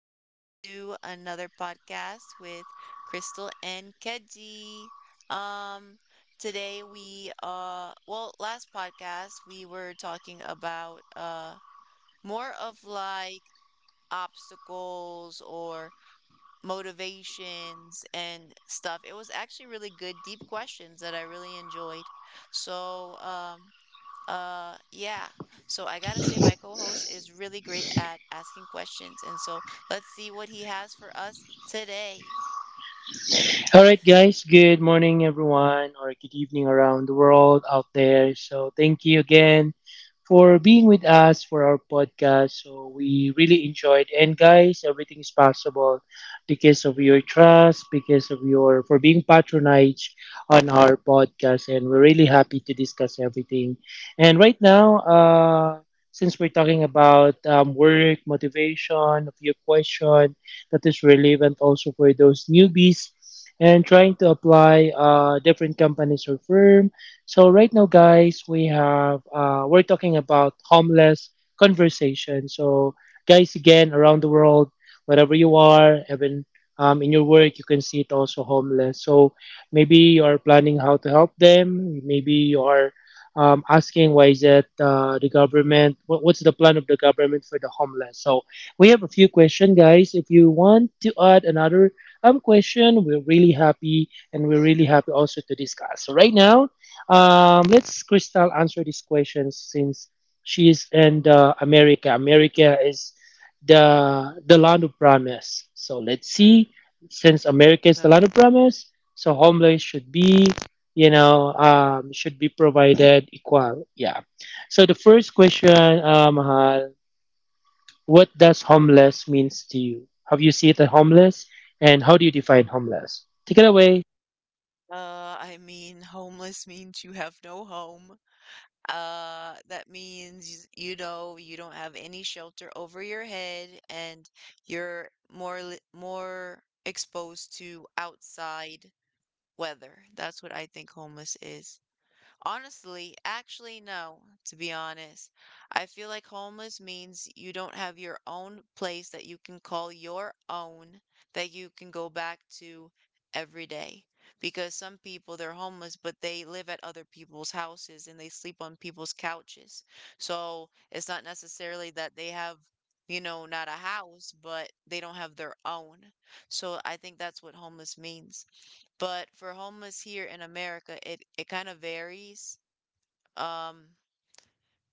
Welcome to another podcast with Crystal and Keji. Um, today last podcast we were talking about more of like obstacles or motivations and stuff. It was actually really good, deep questions that I really enjoyed. So, yeah. So I gotta say, my co-host is really great at asking questions, and so let's see what he has for us today. All right, guys. Good morning, everyone, or good evening around the world out there. So, thank you again for being with us for our podcast. So we really enjoyed. And guys, everything is possible because of your trust, because of your for being patronage on our podcast. And we're really happy to discuss everything. And right now, since we're talking about work, motivation, a few question that is relevant also for those newbies and trying to apply different companies or firm so right now, guys, we're talking about homeless conversation. So guys, again, around the world, wherever you are, even in your work, you can see it also homeless. So maybe you are Mhm. planning how to help them. Maybe you are asking why is it the government? What's the plan of the government for the homeless? So we have a few questions, guys. If you want to add another question, we're really happy and we're really happy also to discuss. So right now let's Crystal answer these questions since she is in the America. America is the land of promise. So let's see. Since America is the Uh-huh. land of promise, so homeless should be, should be provided equal. Yeah. So the first question, Mahal, what does homeless means to you? Have you seen the homeless, and how do you define homeless? Take it away. I mean, homeless means you have no home. That means, you know, you don't have any shelter over your head and you're more exposed to outside weather. That's what I think homeless is. Honestly, actually, no, to be honest. I feel like homeless means you don't have your own place that you can call your own, that you can go back to every day. Because some people, they're homeless, but they live at other people's houses and they sleep on people's couches. So it's not necessarily that they have, you know, not a house, but they don't have their own. So I think that's what homeless means. But for homeless here in America, it kind of varies. Um,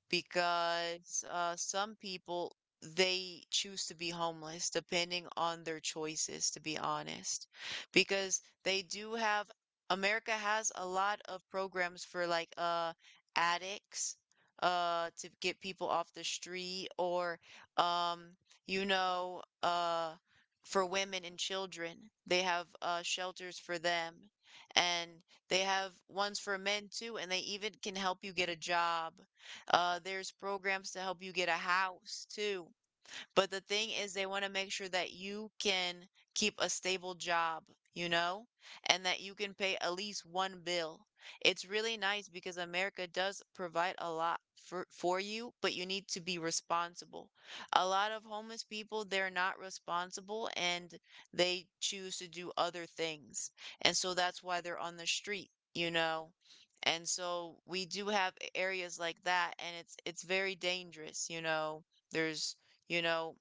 because some people they choose to be homeless depending on their choices, to be honest, because they do have, America has a lot of programs for like addicts to get people off the street, or um you know uh for women and children, they have shelters for them. And they have ones for men too, and they even can help you get a job. There's programs to help you get a house too. But the thing is, they want to make sure that you can keep a stable job, you know, and that you can pay at least one bill. It's really nice because America does provide a lot for you, but you need to be responsible. A lot of homeless people, they're not responsible, and they choose to do other things. And so that's why they're on the street, you know. And so we do have areas like that, and it's very dangerous, you know. There's, you know,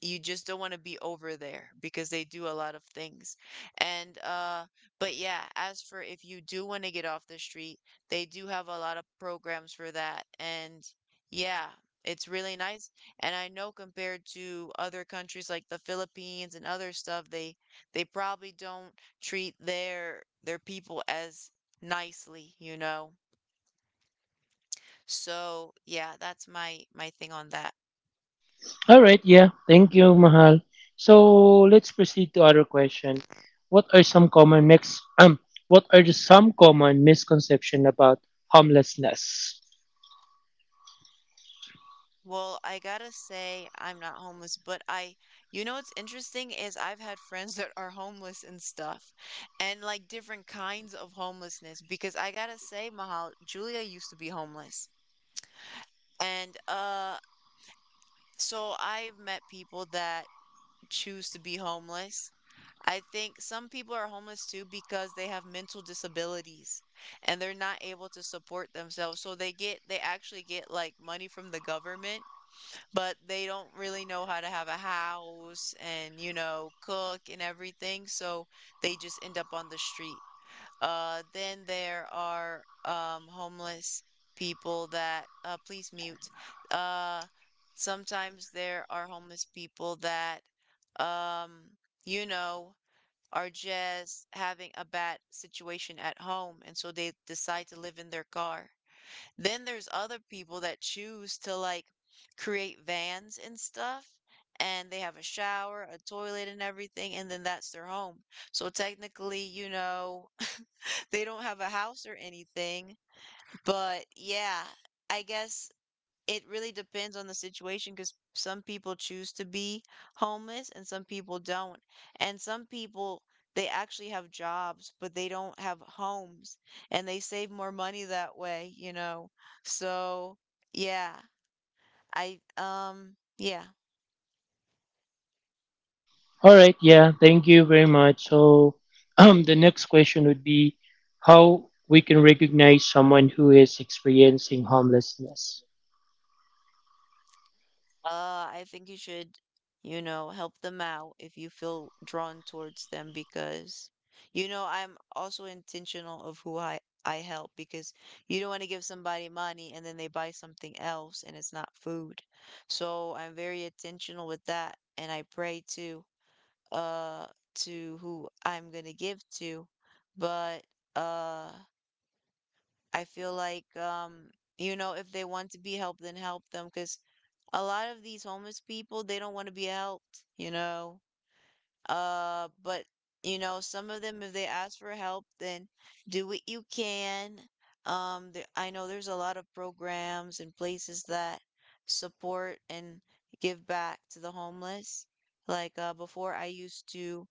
you just don't want to be over there because they do a lot of things. And but yeah, as for if you do want to get off the street, they do have a lot of programs for that. And yeah, it's really nice. And I know compared to other countries like the Philippines and other stuff, they probably don't treat their people as nicely, you know. So, yeah, that's my thing on that. All right, yeah. Thank you, Mahal. So let's proceed to other question. What are some common mix what are the some common misconception about homelessness? Well, I gotta say I'm not homeless, but I, you know what's interesting is I've had friends that are homeless and stuff, and like different kinds of homelessness. Because I gotta say, Mahal, Julia used to be homeless, and so I've met people that choose to be homeless. I think some people are homeless too because they have mental disabilities and they're not able to support themselves. So they actually get like money from the government, but they don't really know how to have a house and, you know, cook and everything, so they just end up on the street. Then there are homeless people that, please mute. Uh sometimes there are homeless people that, um you know are just having a bad situation at home, and so they decide to live in their car. Then there's other people that choose to like create vans and stuff, and they have a shower, a toilet, and everything, and then that's their home. So technically, you know, they don't have a house or anything. But yeah, I guess it really depends on the situation because some people choose to be homeless and some people don't. And some people, they actually have jobs, but they don't have homes, and they save more money that way, you know. So, yeah, I, um, yeah. All right, yeah. Thank you very much. So the next question would be how we can recognize someone who is experiencing homelessness. I think you should, you know, help them out if you feel drawn towards them because, you know, I'm also intentional of who I help because you don't want to give somebody money and then they buy something else and it's not food. So I'm very intentional with that, and I pray uh to who I'm gonna give to. But uh I feel like, you know, if they want to be helped, then help them, because a lot of these homeless people, they don't want to be helped, you know? But you know, some of them, if they ask for help, then do what you can. I know there's a lot of programs and places that support and give back to the homeless. Like, before, I used to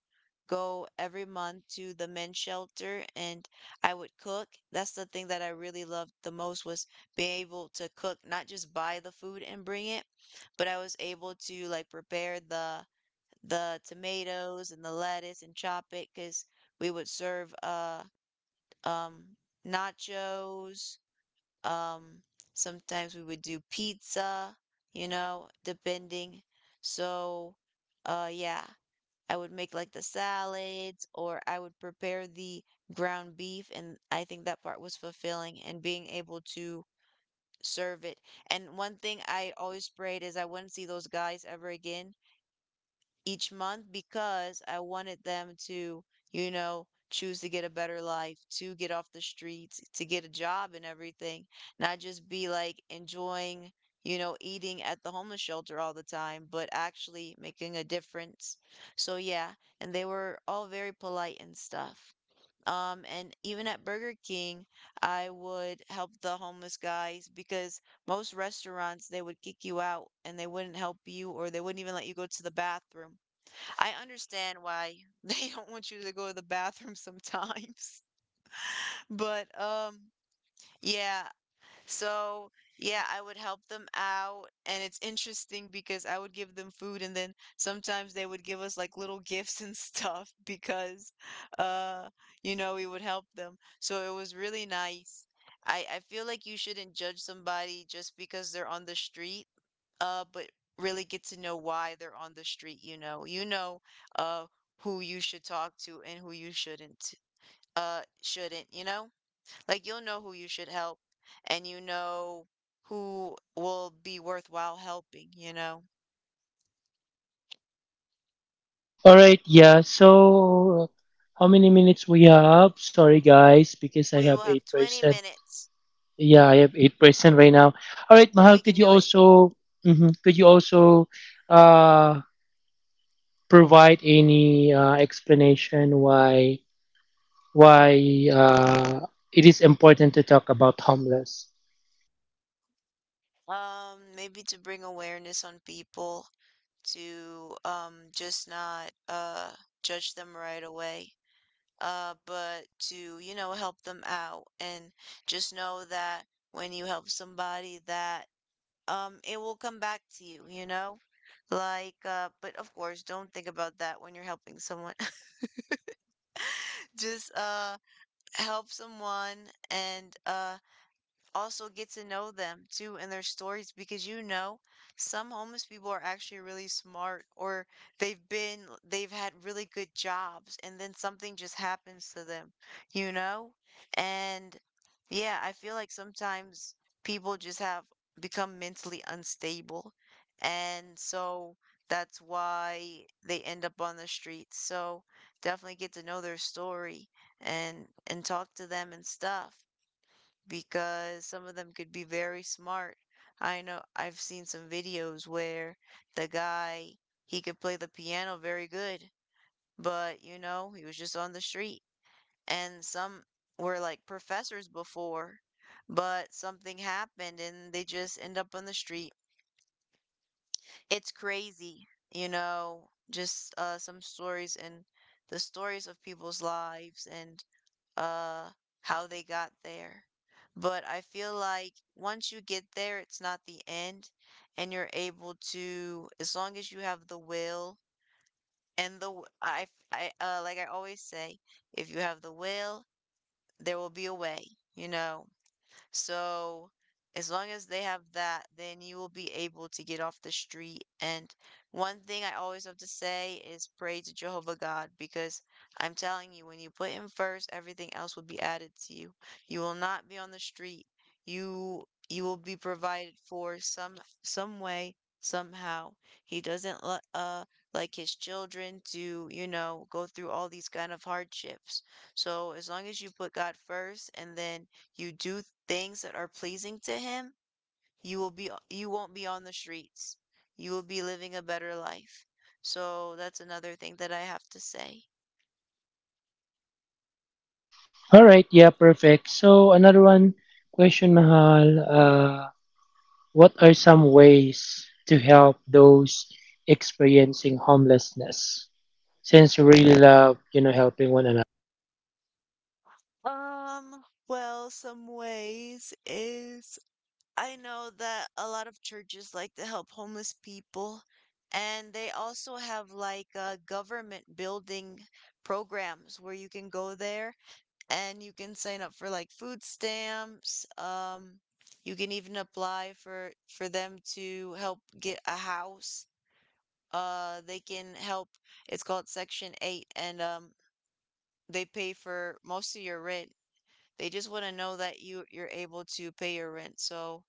go every month to the men's shelter and I would cook. That's the thing that I really loved the most, was being able to cook, not just buy the food and bring it, but I was able to like prepare the tomatoes and the lettuce and chop it, because we would serve um nachos, um sometimes we would do pizza, you know, depending. So yeah, I would make like the salads, or I would prepare the ground beef, and I think that part was fulfilling, and being able to serve it. And one thing I always prayed is I wouldn't see those guys ever again each month, because I wanted them to, you know, choose to get a better life, to get off the streets, to get a job and everything, not just be like enjoying, you know, eating at the homeless shelter all the time, but actually making a difference. So yeah, and they were all very polite and stuff. And even at Burger King, I would help the homeless guys because most restaurants they would kick you out and they wouldn't help you, or they wouldn't even let you go to the bathroom. I understand why they don't want you to go to the bathroom sometimes. But um yeah, so, yeah, I would help them out. And it's interesting because I would give them food, and then sometimes they would give us like little gifts and stuff because, uh, you know, we would help them. So it was really nice. I feel like you shouldn't judge somebody just because they're on the street, but really get to know why they're on the street, you know. You know, uh, who you should talk to and who you shouldn't, you know? Like, you'll know who you should help, and you know who will be worthwhile helping, you know? All right, yeah. So how many minutes we have? Sorry guys because I We will have have 20 8%. minutes. Yeah, I have 8% right now. All right, Mahal, We could can you do it. also mhm, could you also uh, provide any explanation why it is important to talk about homeless? Maybe to bring awareness on people, to just not judge them right away. But to, you know, help them out and just know that when you help somebody, that it will come back to you, you know? Like, but of course don't think about that when you're helping someone. Just help someone, and also get to know them too and their stories, because, you know, some homeless people are actually really smart, or they've been, they've had really good jobs, and then something just happens to them, you know? And yeah, I feel like sometimes people just have become mentally unstable, and so that's why they end up on the streets. So definitely get to know their story, and talk to them and stuff, because some of them could be very smart. I know I've seen some videos where the guy, he could play the piano very good, but, you know, he was just on the street. And some were like professors before, but something happened and they just end up on the street. It's crazy, you know, just, some stories, and the stories of people's lives, and uh, how they got there. But I feel like once you get there, it's not the end, and you're able to, as long as you have the will and the, like I always say, if you have the will, there will be a way, you know? So as long as they have that, then you will be able to get off the street. And one thing I always have to say is pray to Jehovah God, because I'm telling you, when you put him first, everything else will be added to you. You will not be on the street. You will be provided for some way, somehow. He doesn't let like his children to, you know, go through all these kind of hardships. So as long as you put God first, and then you do things that are pleasing to him, you will be, you won't be on the streets. You will be living a better life. So that's another thing that I have to say. All right, yeah, perfect. So another one question, Mahal. What are some ways to help those experiencing homelessness? Since you really love, you know, helping one another. Well, some ways is I know that a lot of churches like to help homeless people, and they also have like government building programs where you can go there and you can sign up for like food stamps. You can even apply for them to help get a house. They can help. It's called Section 8, and they pay for most of your rent. They just want to know that you're able to pay your rent. So,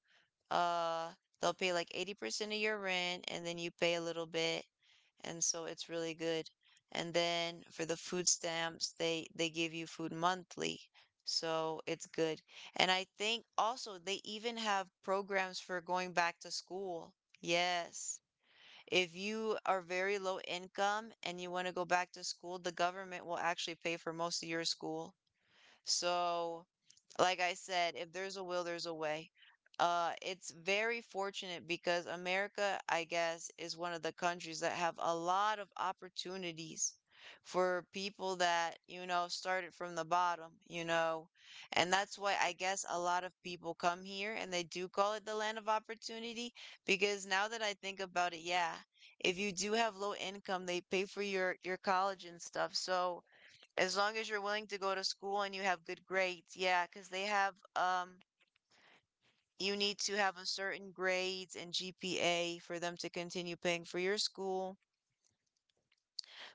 uh, they'll pay like 80% of your rent, and then you pay a little bit, and so it's really good. And then for the food stamps, they give you food monthly, so it's good. And I think also they even have programs for going back to school. Yes. If you are very low income and you want to go back to school, the government will actually pay for most of your school. So, like I said, if there's a will, there's a way. It's very fortunate because America, I guess, is one of the countries that have a lot of opportunities for people that, you know, started from the bottom, you know. And that's why I guess a lot of people come here and they do call it the land of opportunity because now that I think about it, yeah, if you do have low income, they pay for your college and stuff. So, as long as you're willing to go to school and you have good grades, yeah, because they have you need to have a certain grades and GPA for them to continue paying for your school.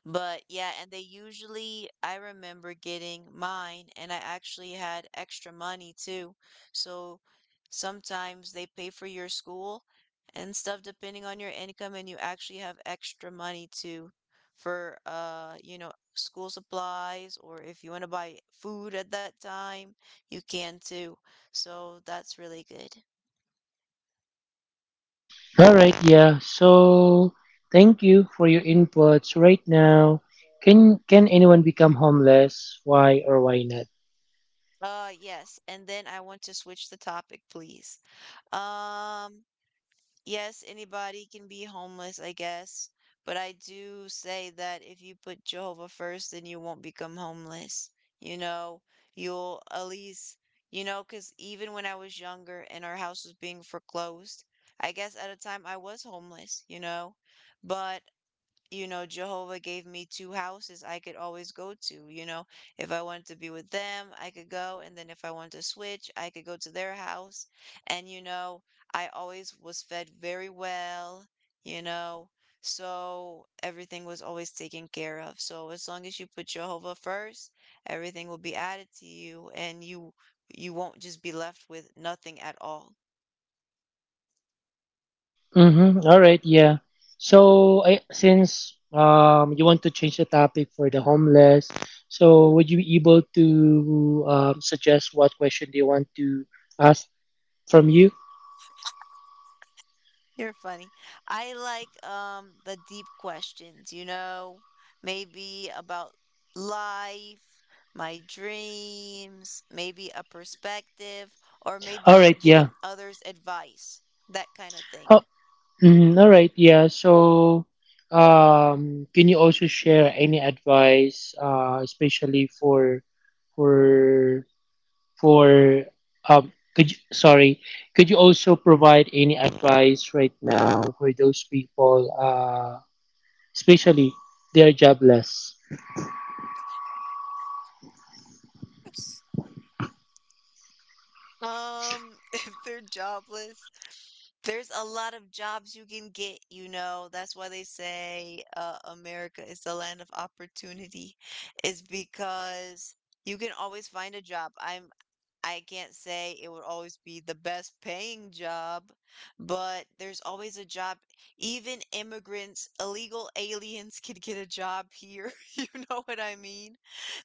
But yeah, and they usually, I remember getting mine, and I actually had extra money too. So sometimes they pay for your school and stuff depending on your income, and you actually have extra money too for you know, school supplies, or if you want to buy food at that time, you can too. So that's really good. All right, yeah. So thank you for your inputs right Mm. now. Can anyone become homeless? Why or why not? Yes, and then I want to switch the topic, please. Um, Yes, anybody can be homeless, I guess, but I do say that if you put Jehovah first, then you won't become homeless. You know, you'll at least, you know, because even when I was younger and our house was being foreclosed, I guess at a time I was homeless, you know, but you know, Jehovah gave me two houses I could always go to. You know, if I wanted to be with them, I could go. And then if I wanted to switch, I could go to their house. And, you know, I always was fed very well, you know, so everything was always taken care of. So as long as you put Jehovah first, everything will be added to you and you won't just be left with nothing at all. Mm-hmm. All right, yeah. So since you want to change the topic for the homeless, so would you be able to suggest what question do you want to ask from you? You're funny. I like the deep questions, you know, maybe about life, my dreams, maybe a perspective, or All maybe right, yeah. giving others advice, that kind of thing. Mhm, all right. Yeah. So, can you also share any advice, especially for, for, um, could you, sorry, could you also provide any advice right now for those people, especially they are jobless? If they're jobless, there's a lot of jobs you can get, you know. That's why they say America is the land of opportunity, is because you can always find a job. I can't say it would always be the best paying job, but there's always a job. Even immigrants, illegal aliens can get a job here. You know what I mean?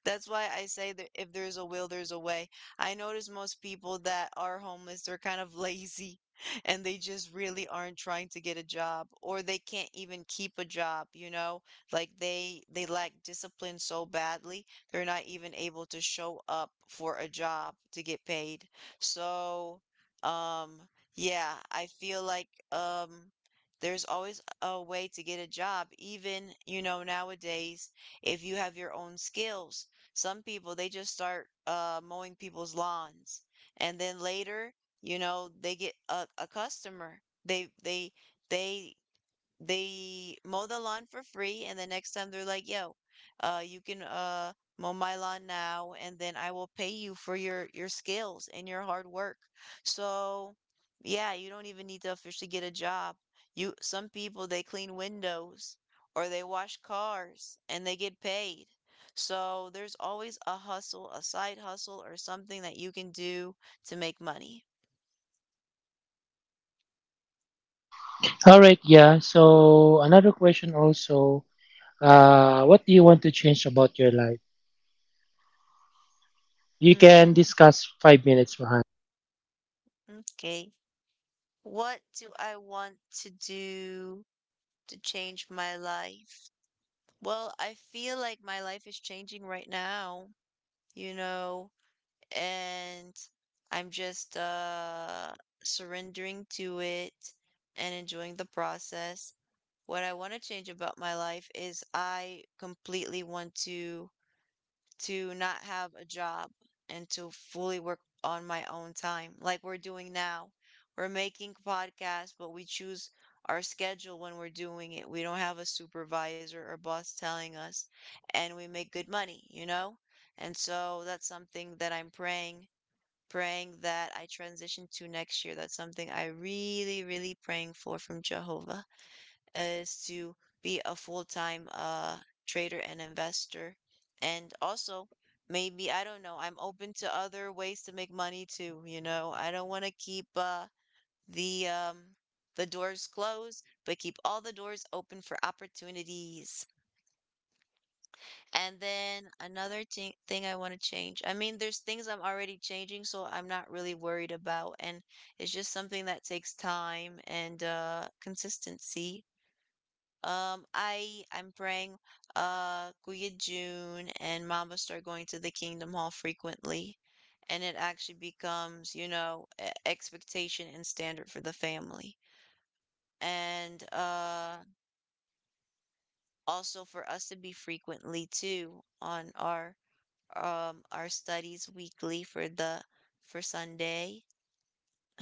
That's why I say that if there's a will, there's a way. I notice most people that are homeless, they're kind of lazy and they just really aren't trying to get a job or they can't even keep a job, you know? Like they lack discipline so badly they're not even able to show up for a job to get paid. So, um, yeah, I feel like there's always a way to get a job, even, you know, nowadays, if you have your own skills. Some people they just start mowing people's lawns and then later, you know, they get a customer. They they they they mow the lawn for free and the next time they're like yo you can mow my lawn now and then I will pay you for your skills and your hard work. So yeah, you don't even need to officially get a job. You, some people they clean windows or they wash cars and they get paid. So there's always a hustle, a side hustle or something that you can do to make money. All right. Yeah. So another question also, what do you want to change about your life? You can Hmm. discuss 5 minutes behind. Okay. What do I want to do to change my life? Well, I feel like my life is changing right now, you know, and I'm just surrendering to it and enjoying the process. What I want to change about my life is I completely want to not have a job and to fully work on my own time, like we're doing now. We're making podcasts, but we choose our schedule when we're doing it. We don't have a supervisor or boss telling us, and we make good money, you know? And so that's something that I'm praying that I transition to next year. That's something I really, really praying for from Jehovah is to be a full-time trader and investor. And also, maybe I don't know, I'm open to other ways to make money too, you know. I don't want to keep the um the doors closed, but keep all the doors open for opportunities. And then another thing I want to change. I mean, there's things I'm already changing, so I'm not really worried about, and it's just something that takes time and consistency. I'm praying Kuya June and Mama start going to the Kingdom Hall frequently, and it actually becomes, you know, expectation and standard for the family. And also for us to be frequently too on our studies weekly for the for Sunday.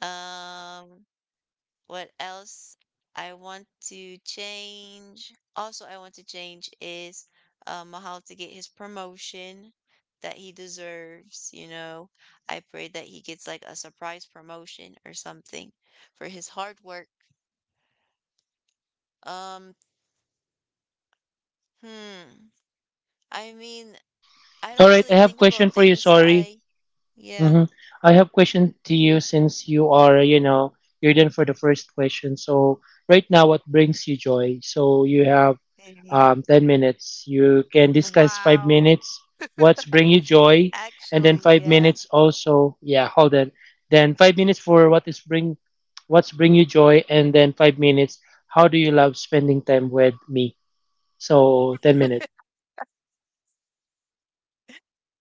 Um, what else I want to change? Also, I want to change is Mahal to get his promotion that he deserves. You know, I pray that he gets like a surprise promotion or something for his hard work. Um, hmm. I mean, I All don't right. really I have think about question for you. things. Sorry. I, yeah. hmm I have question to you since you are, you know, you're done for the first question. So right now, what brings you joy? So you have 10 minutes. You can discuss five Wow. minutes. What's bring you joy? And then Actually, five yeah, minutes also. Yeah, hold on. Then 5 minutes for what's bring you joy? And then 5 minutes. How do you love spending time with me? So 10 minutes.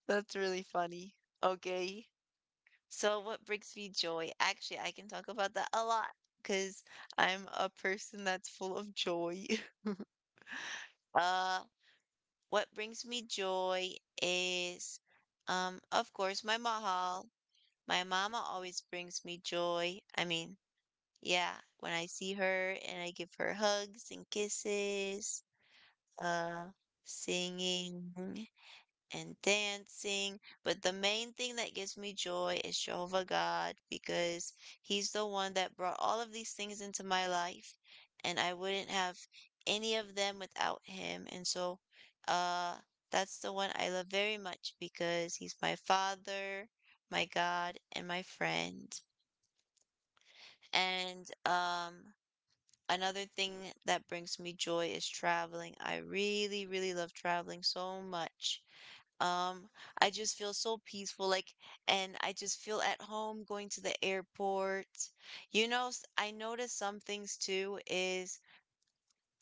that's really funny. Okay. So what brings me joy? Actually, I can talk about that a lot because I'm a person that's full of joy. Uh, what brings me joy is, of course, my mahal. My mama always brings me joy. I mean, yeah, when I see her and I give her hugs and kisses, uh, singing and dancing. But the main thing that gives me joy is Jehovah God because He's the one that brought all of these things into my life, and I wouldn't have any of them without Him. And so, uh, that's the one I love very much because He's my Father, my God, and my friend. And another thing that brings me joy is traveling. I really, really love traveling so much. Um, I just feel so peaceful, like, and I just feel at home going to the airport. You know, I notice some things too is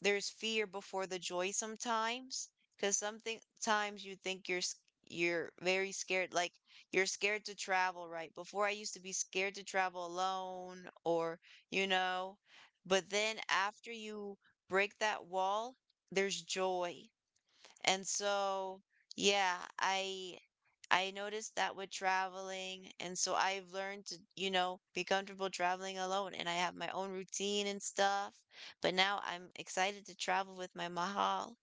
there's fear before the joy sometimes, because something times you think you're very scared, like you're scared to travel, right? Before I used to be scared to travel alone, or you know, but then after you break that wall, there's joy. And so, yeah, I noticed that with traveling, and so I've learned to, you know, be comfortable traveling alone, and I have my own routine and stuff. But now I'm excited to travel with my mahal.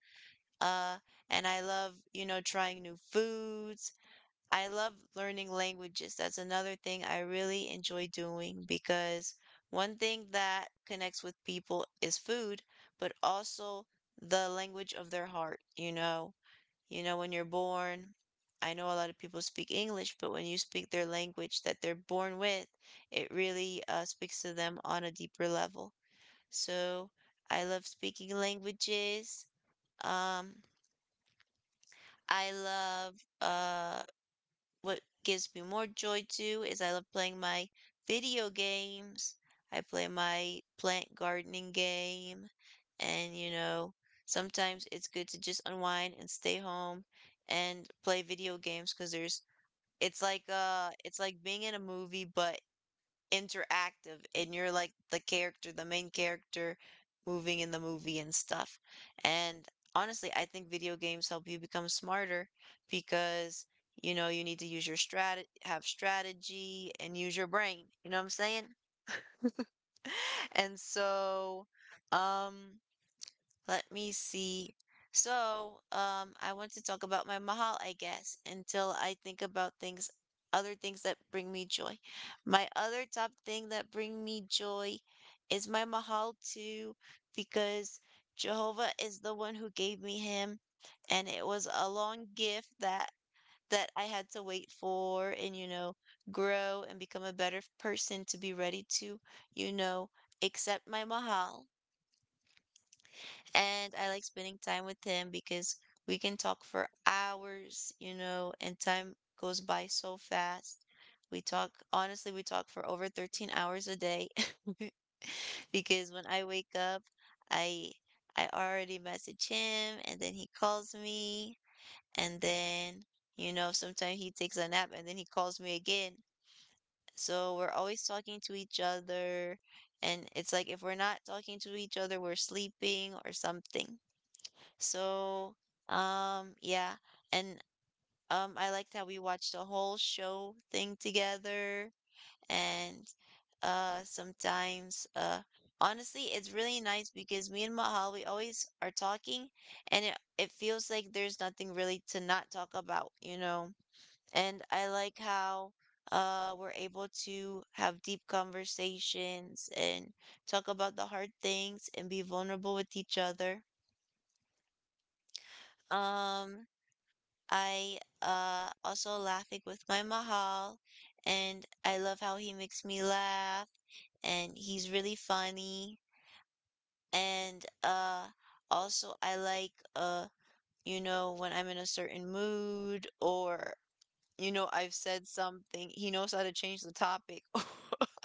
Uh, and I love, you know, trying new foods. I love learning languages. That's another thing I really enjoy doing because one thing that connects with people is food, but also the language of their heart, you know, when you're born, I know a lot of people speak English, but when you speak their language that they're born with, it really speaks to them on a deeper level. So I love speaking languages. Um, I love uh what gives me more joy too is I love playing my video games. I play my plant gardening game. And, you know, sometimes it's good to just unwind and stay home and play video games because there's, it's like being in a movie, but interactive and you're like the character, the main character moving in the movie and stuff. And honestly, I think video games help you become smarter because you know you need to use your strat have strategy and use your brain. You know what I'm saying? And so um let me see. So, I want to talk about my mahal, I guess, until I think about things, other things that bring me joy. My other top thing that bring me joy is my mahal too, because Jehovah is the one who gave me him, and it was a long gift that I had to wait for and grow and become a better person to be ready to you know accept my mahal. And I like spending time with him because we can talk for hours, you know, and time goes by so fast. We talk, honestly, we talk for over 13 hours a day because when I wake up, I I already message him and then he calls me, and then you know sometimes he takes a nap and then he calls me again. So we're always talking to each other, and it's like if we're not talking to each other, we're sleeping or something. So, yeah, and I liked how we watched the whole show thing together, and sometimes, honestly, it's really nice because me and Mahal we always are talking, and it feels like there's nothing really to not talk about, you know. And I like how we're able to have deep conversations and talk about the hard things and be vulnerable with each other. Um, I also laughing with my Mahal, and I love how he makes me laugh and he's really funny. And also I like, you know, when I'm in a certain mood, or you know I've said something, he knows how to change the topic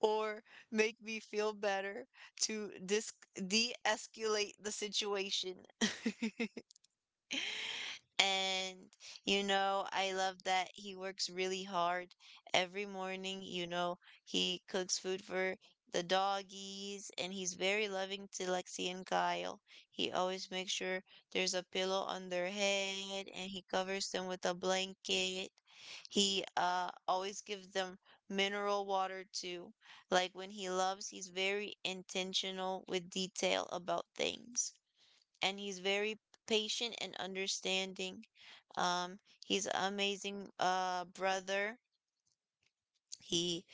or make me feel better to dis de-escalate the situation. And, you know, I love that he works really hard every morning. You know, he cooks food for the doggies, and he's very loving to Lexi and Kyle. He always makes sure there's a pillow on their head, and he covers them with a blanket. He always gives them mineral water too. Like when he loves, he's very intentional with detail about things, and he's very patient and understanding. Um, he's an amazing brother. He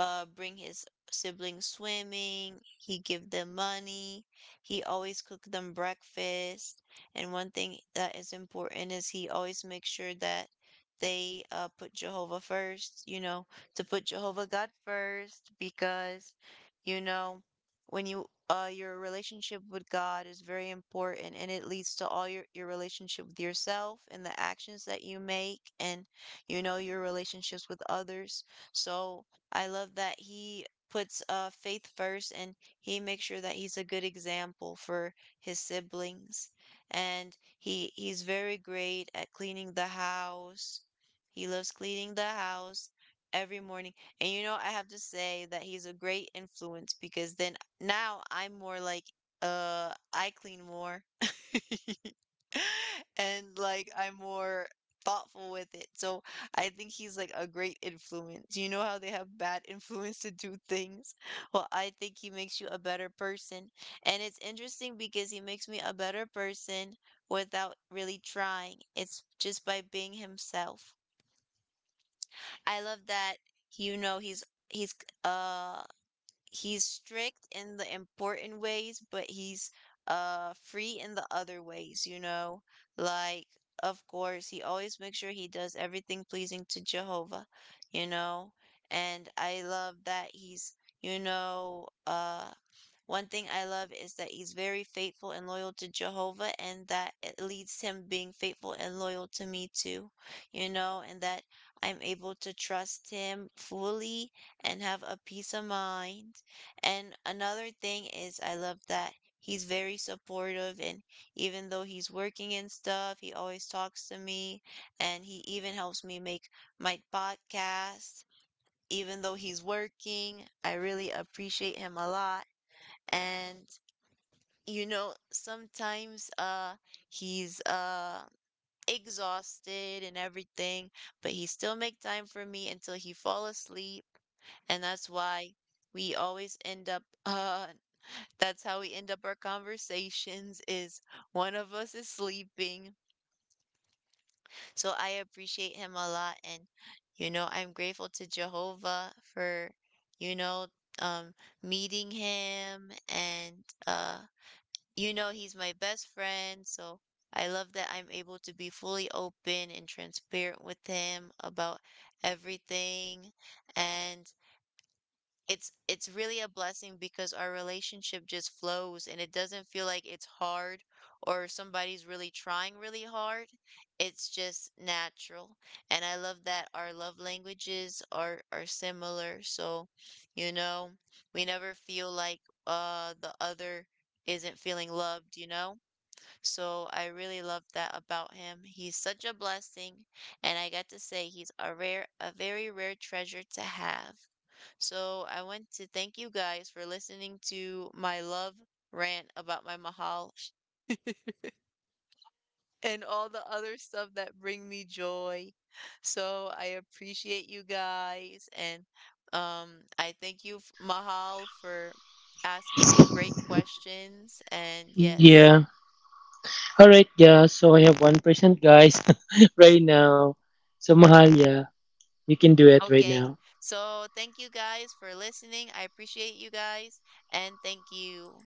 bring his siblings swimming, he give them money, he always cook them breakfast. And one thing that is important is he always makes sure that they put Jehovah first, you know, to put Jehovah God first, because you know when you your relationship with God is very important, and it leads to all your relationship with yourself and the actions that you make and you know your relationships with others. So I love that he puts, faith first, and he makes sure that he's a good example for his siblings. And he's very great at cleaning the house. He loves cleaning the house every morning. And you know, I have to say that he's a great influence, because then now I'm more like, I clean more and like I'm more thoughtful with it. So I think he's like a great influence. You know how they have bad influence to do things? Well, I think he makes you a better person. And it's interesting because he makes me a better person without really trying. It's just by being himself. I love that you know uh he's strict in the important ways, but he's free in the other ways, you know? Like, of course, he always makes sure he does everything pleasing to Jehovah, you know? And I love that he's, you know, one thing I love is that he's very faithful and loyal to Jehovah, and that it leads him being faithful and loyal to me too, you know, and that I'm able to trust him fully and have a peace of mind. And another thing is, I love that he's very supportive. And even though he's working and stuff, he always talks to me. And he even helps me make my podcast. Even though he's working, I really appreciate him a lot. And, you know, sometimes, he's, exhausted and everything, but he still make time for me until he fall asleep. And that's why we always end up that's how we end up our conversations is one of us is sleeping. So I appreciate him a lot, and you know, I'm grateful to Jehovah for you know um meeting him, and uh you know he's my best friend, so I love that I'm able to be fully open and transparent with him about everything. And it's really a blessing because our relationship just flows, and it doesn't feel like it's hard or somebody's really trying really hard. It's just natural. And I love that our love languages are similar. So, you know, we never feel like the other isn't feeling loved, you know? So I really love that about him. He's such a blessing, and I got to say he's a very rare treasure to have. So I want to thank you guys for listening to my love rant about my Mahal and all the other stuff that bring me joy. So I appreciate you guys, and I thank you, Mahal, for asking great questions, and Yeah. yes. All right, yeah. So I have 1%, guys, right now. So Mahal, yeah, you can do it right now. Okay. So thank you guys for listening. I appreciate you guys and thank you.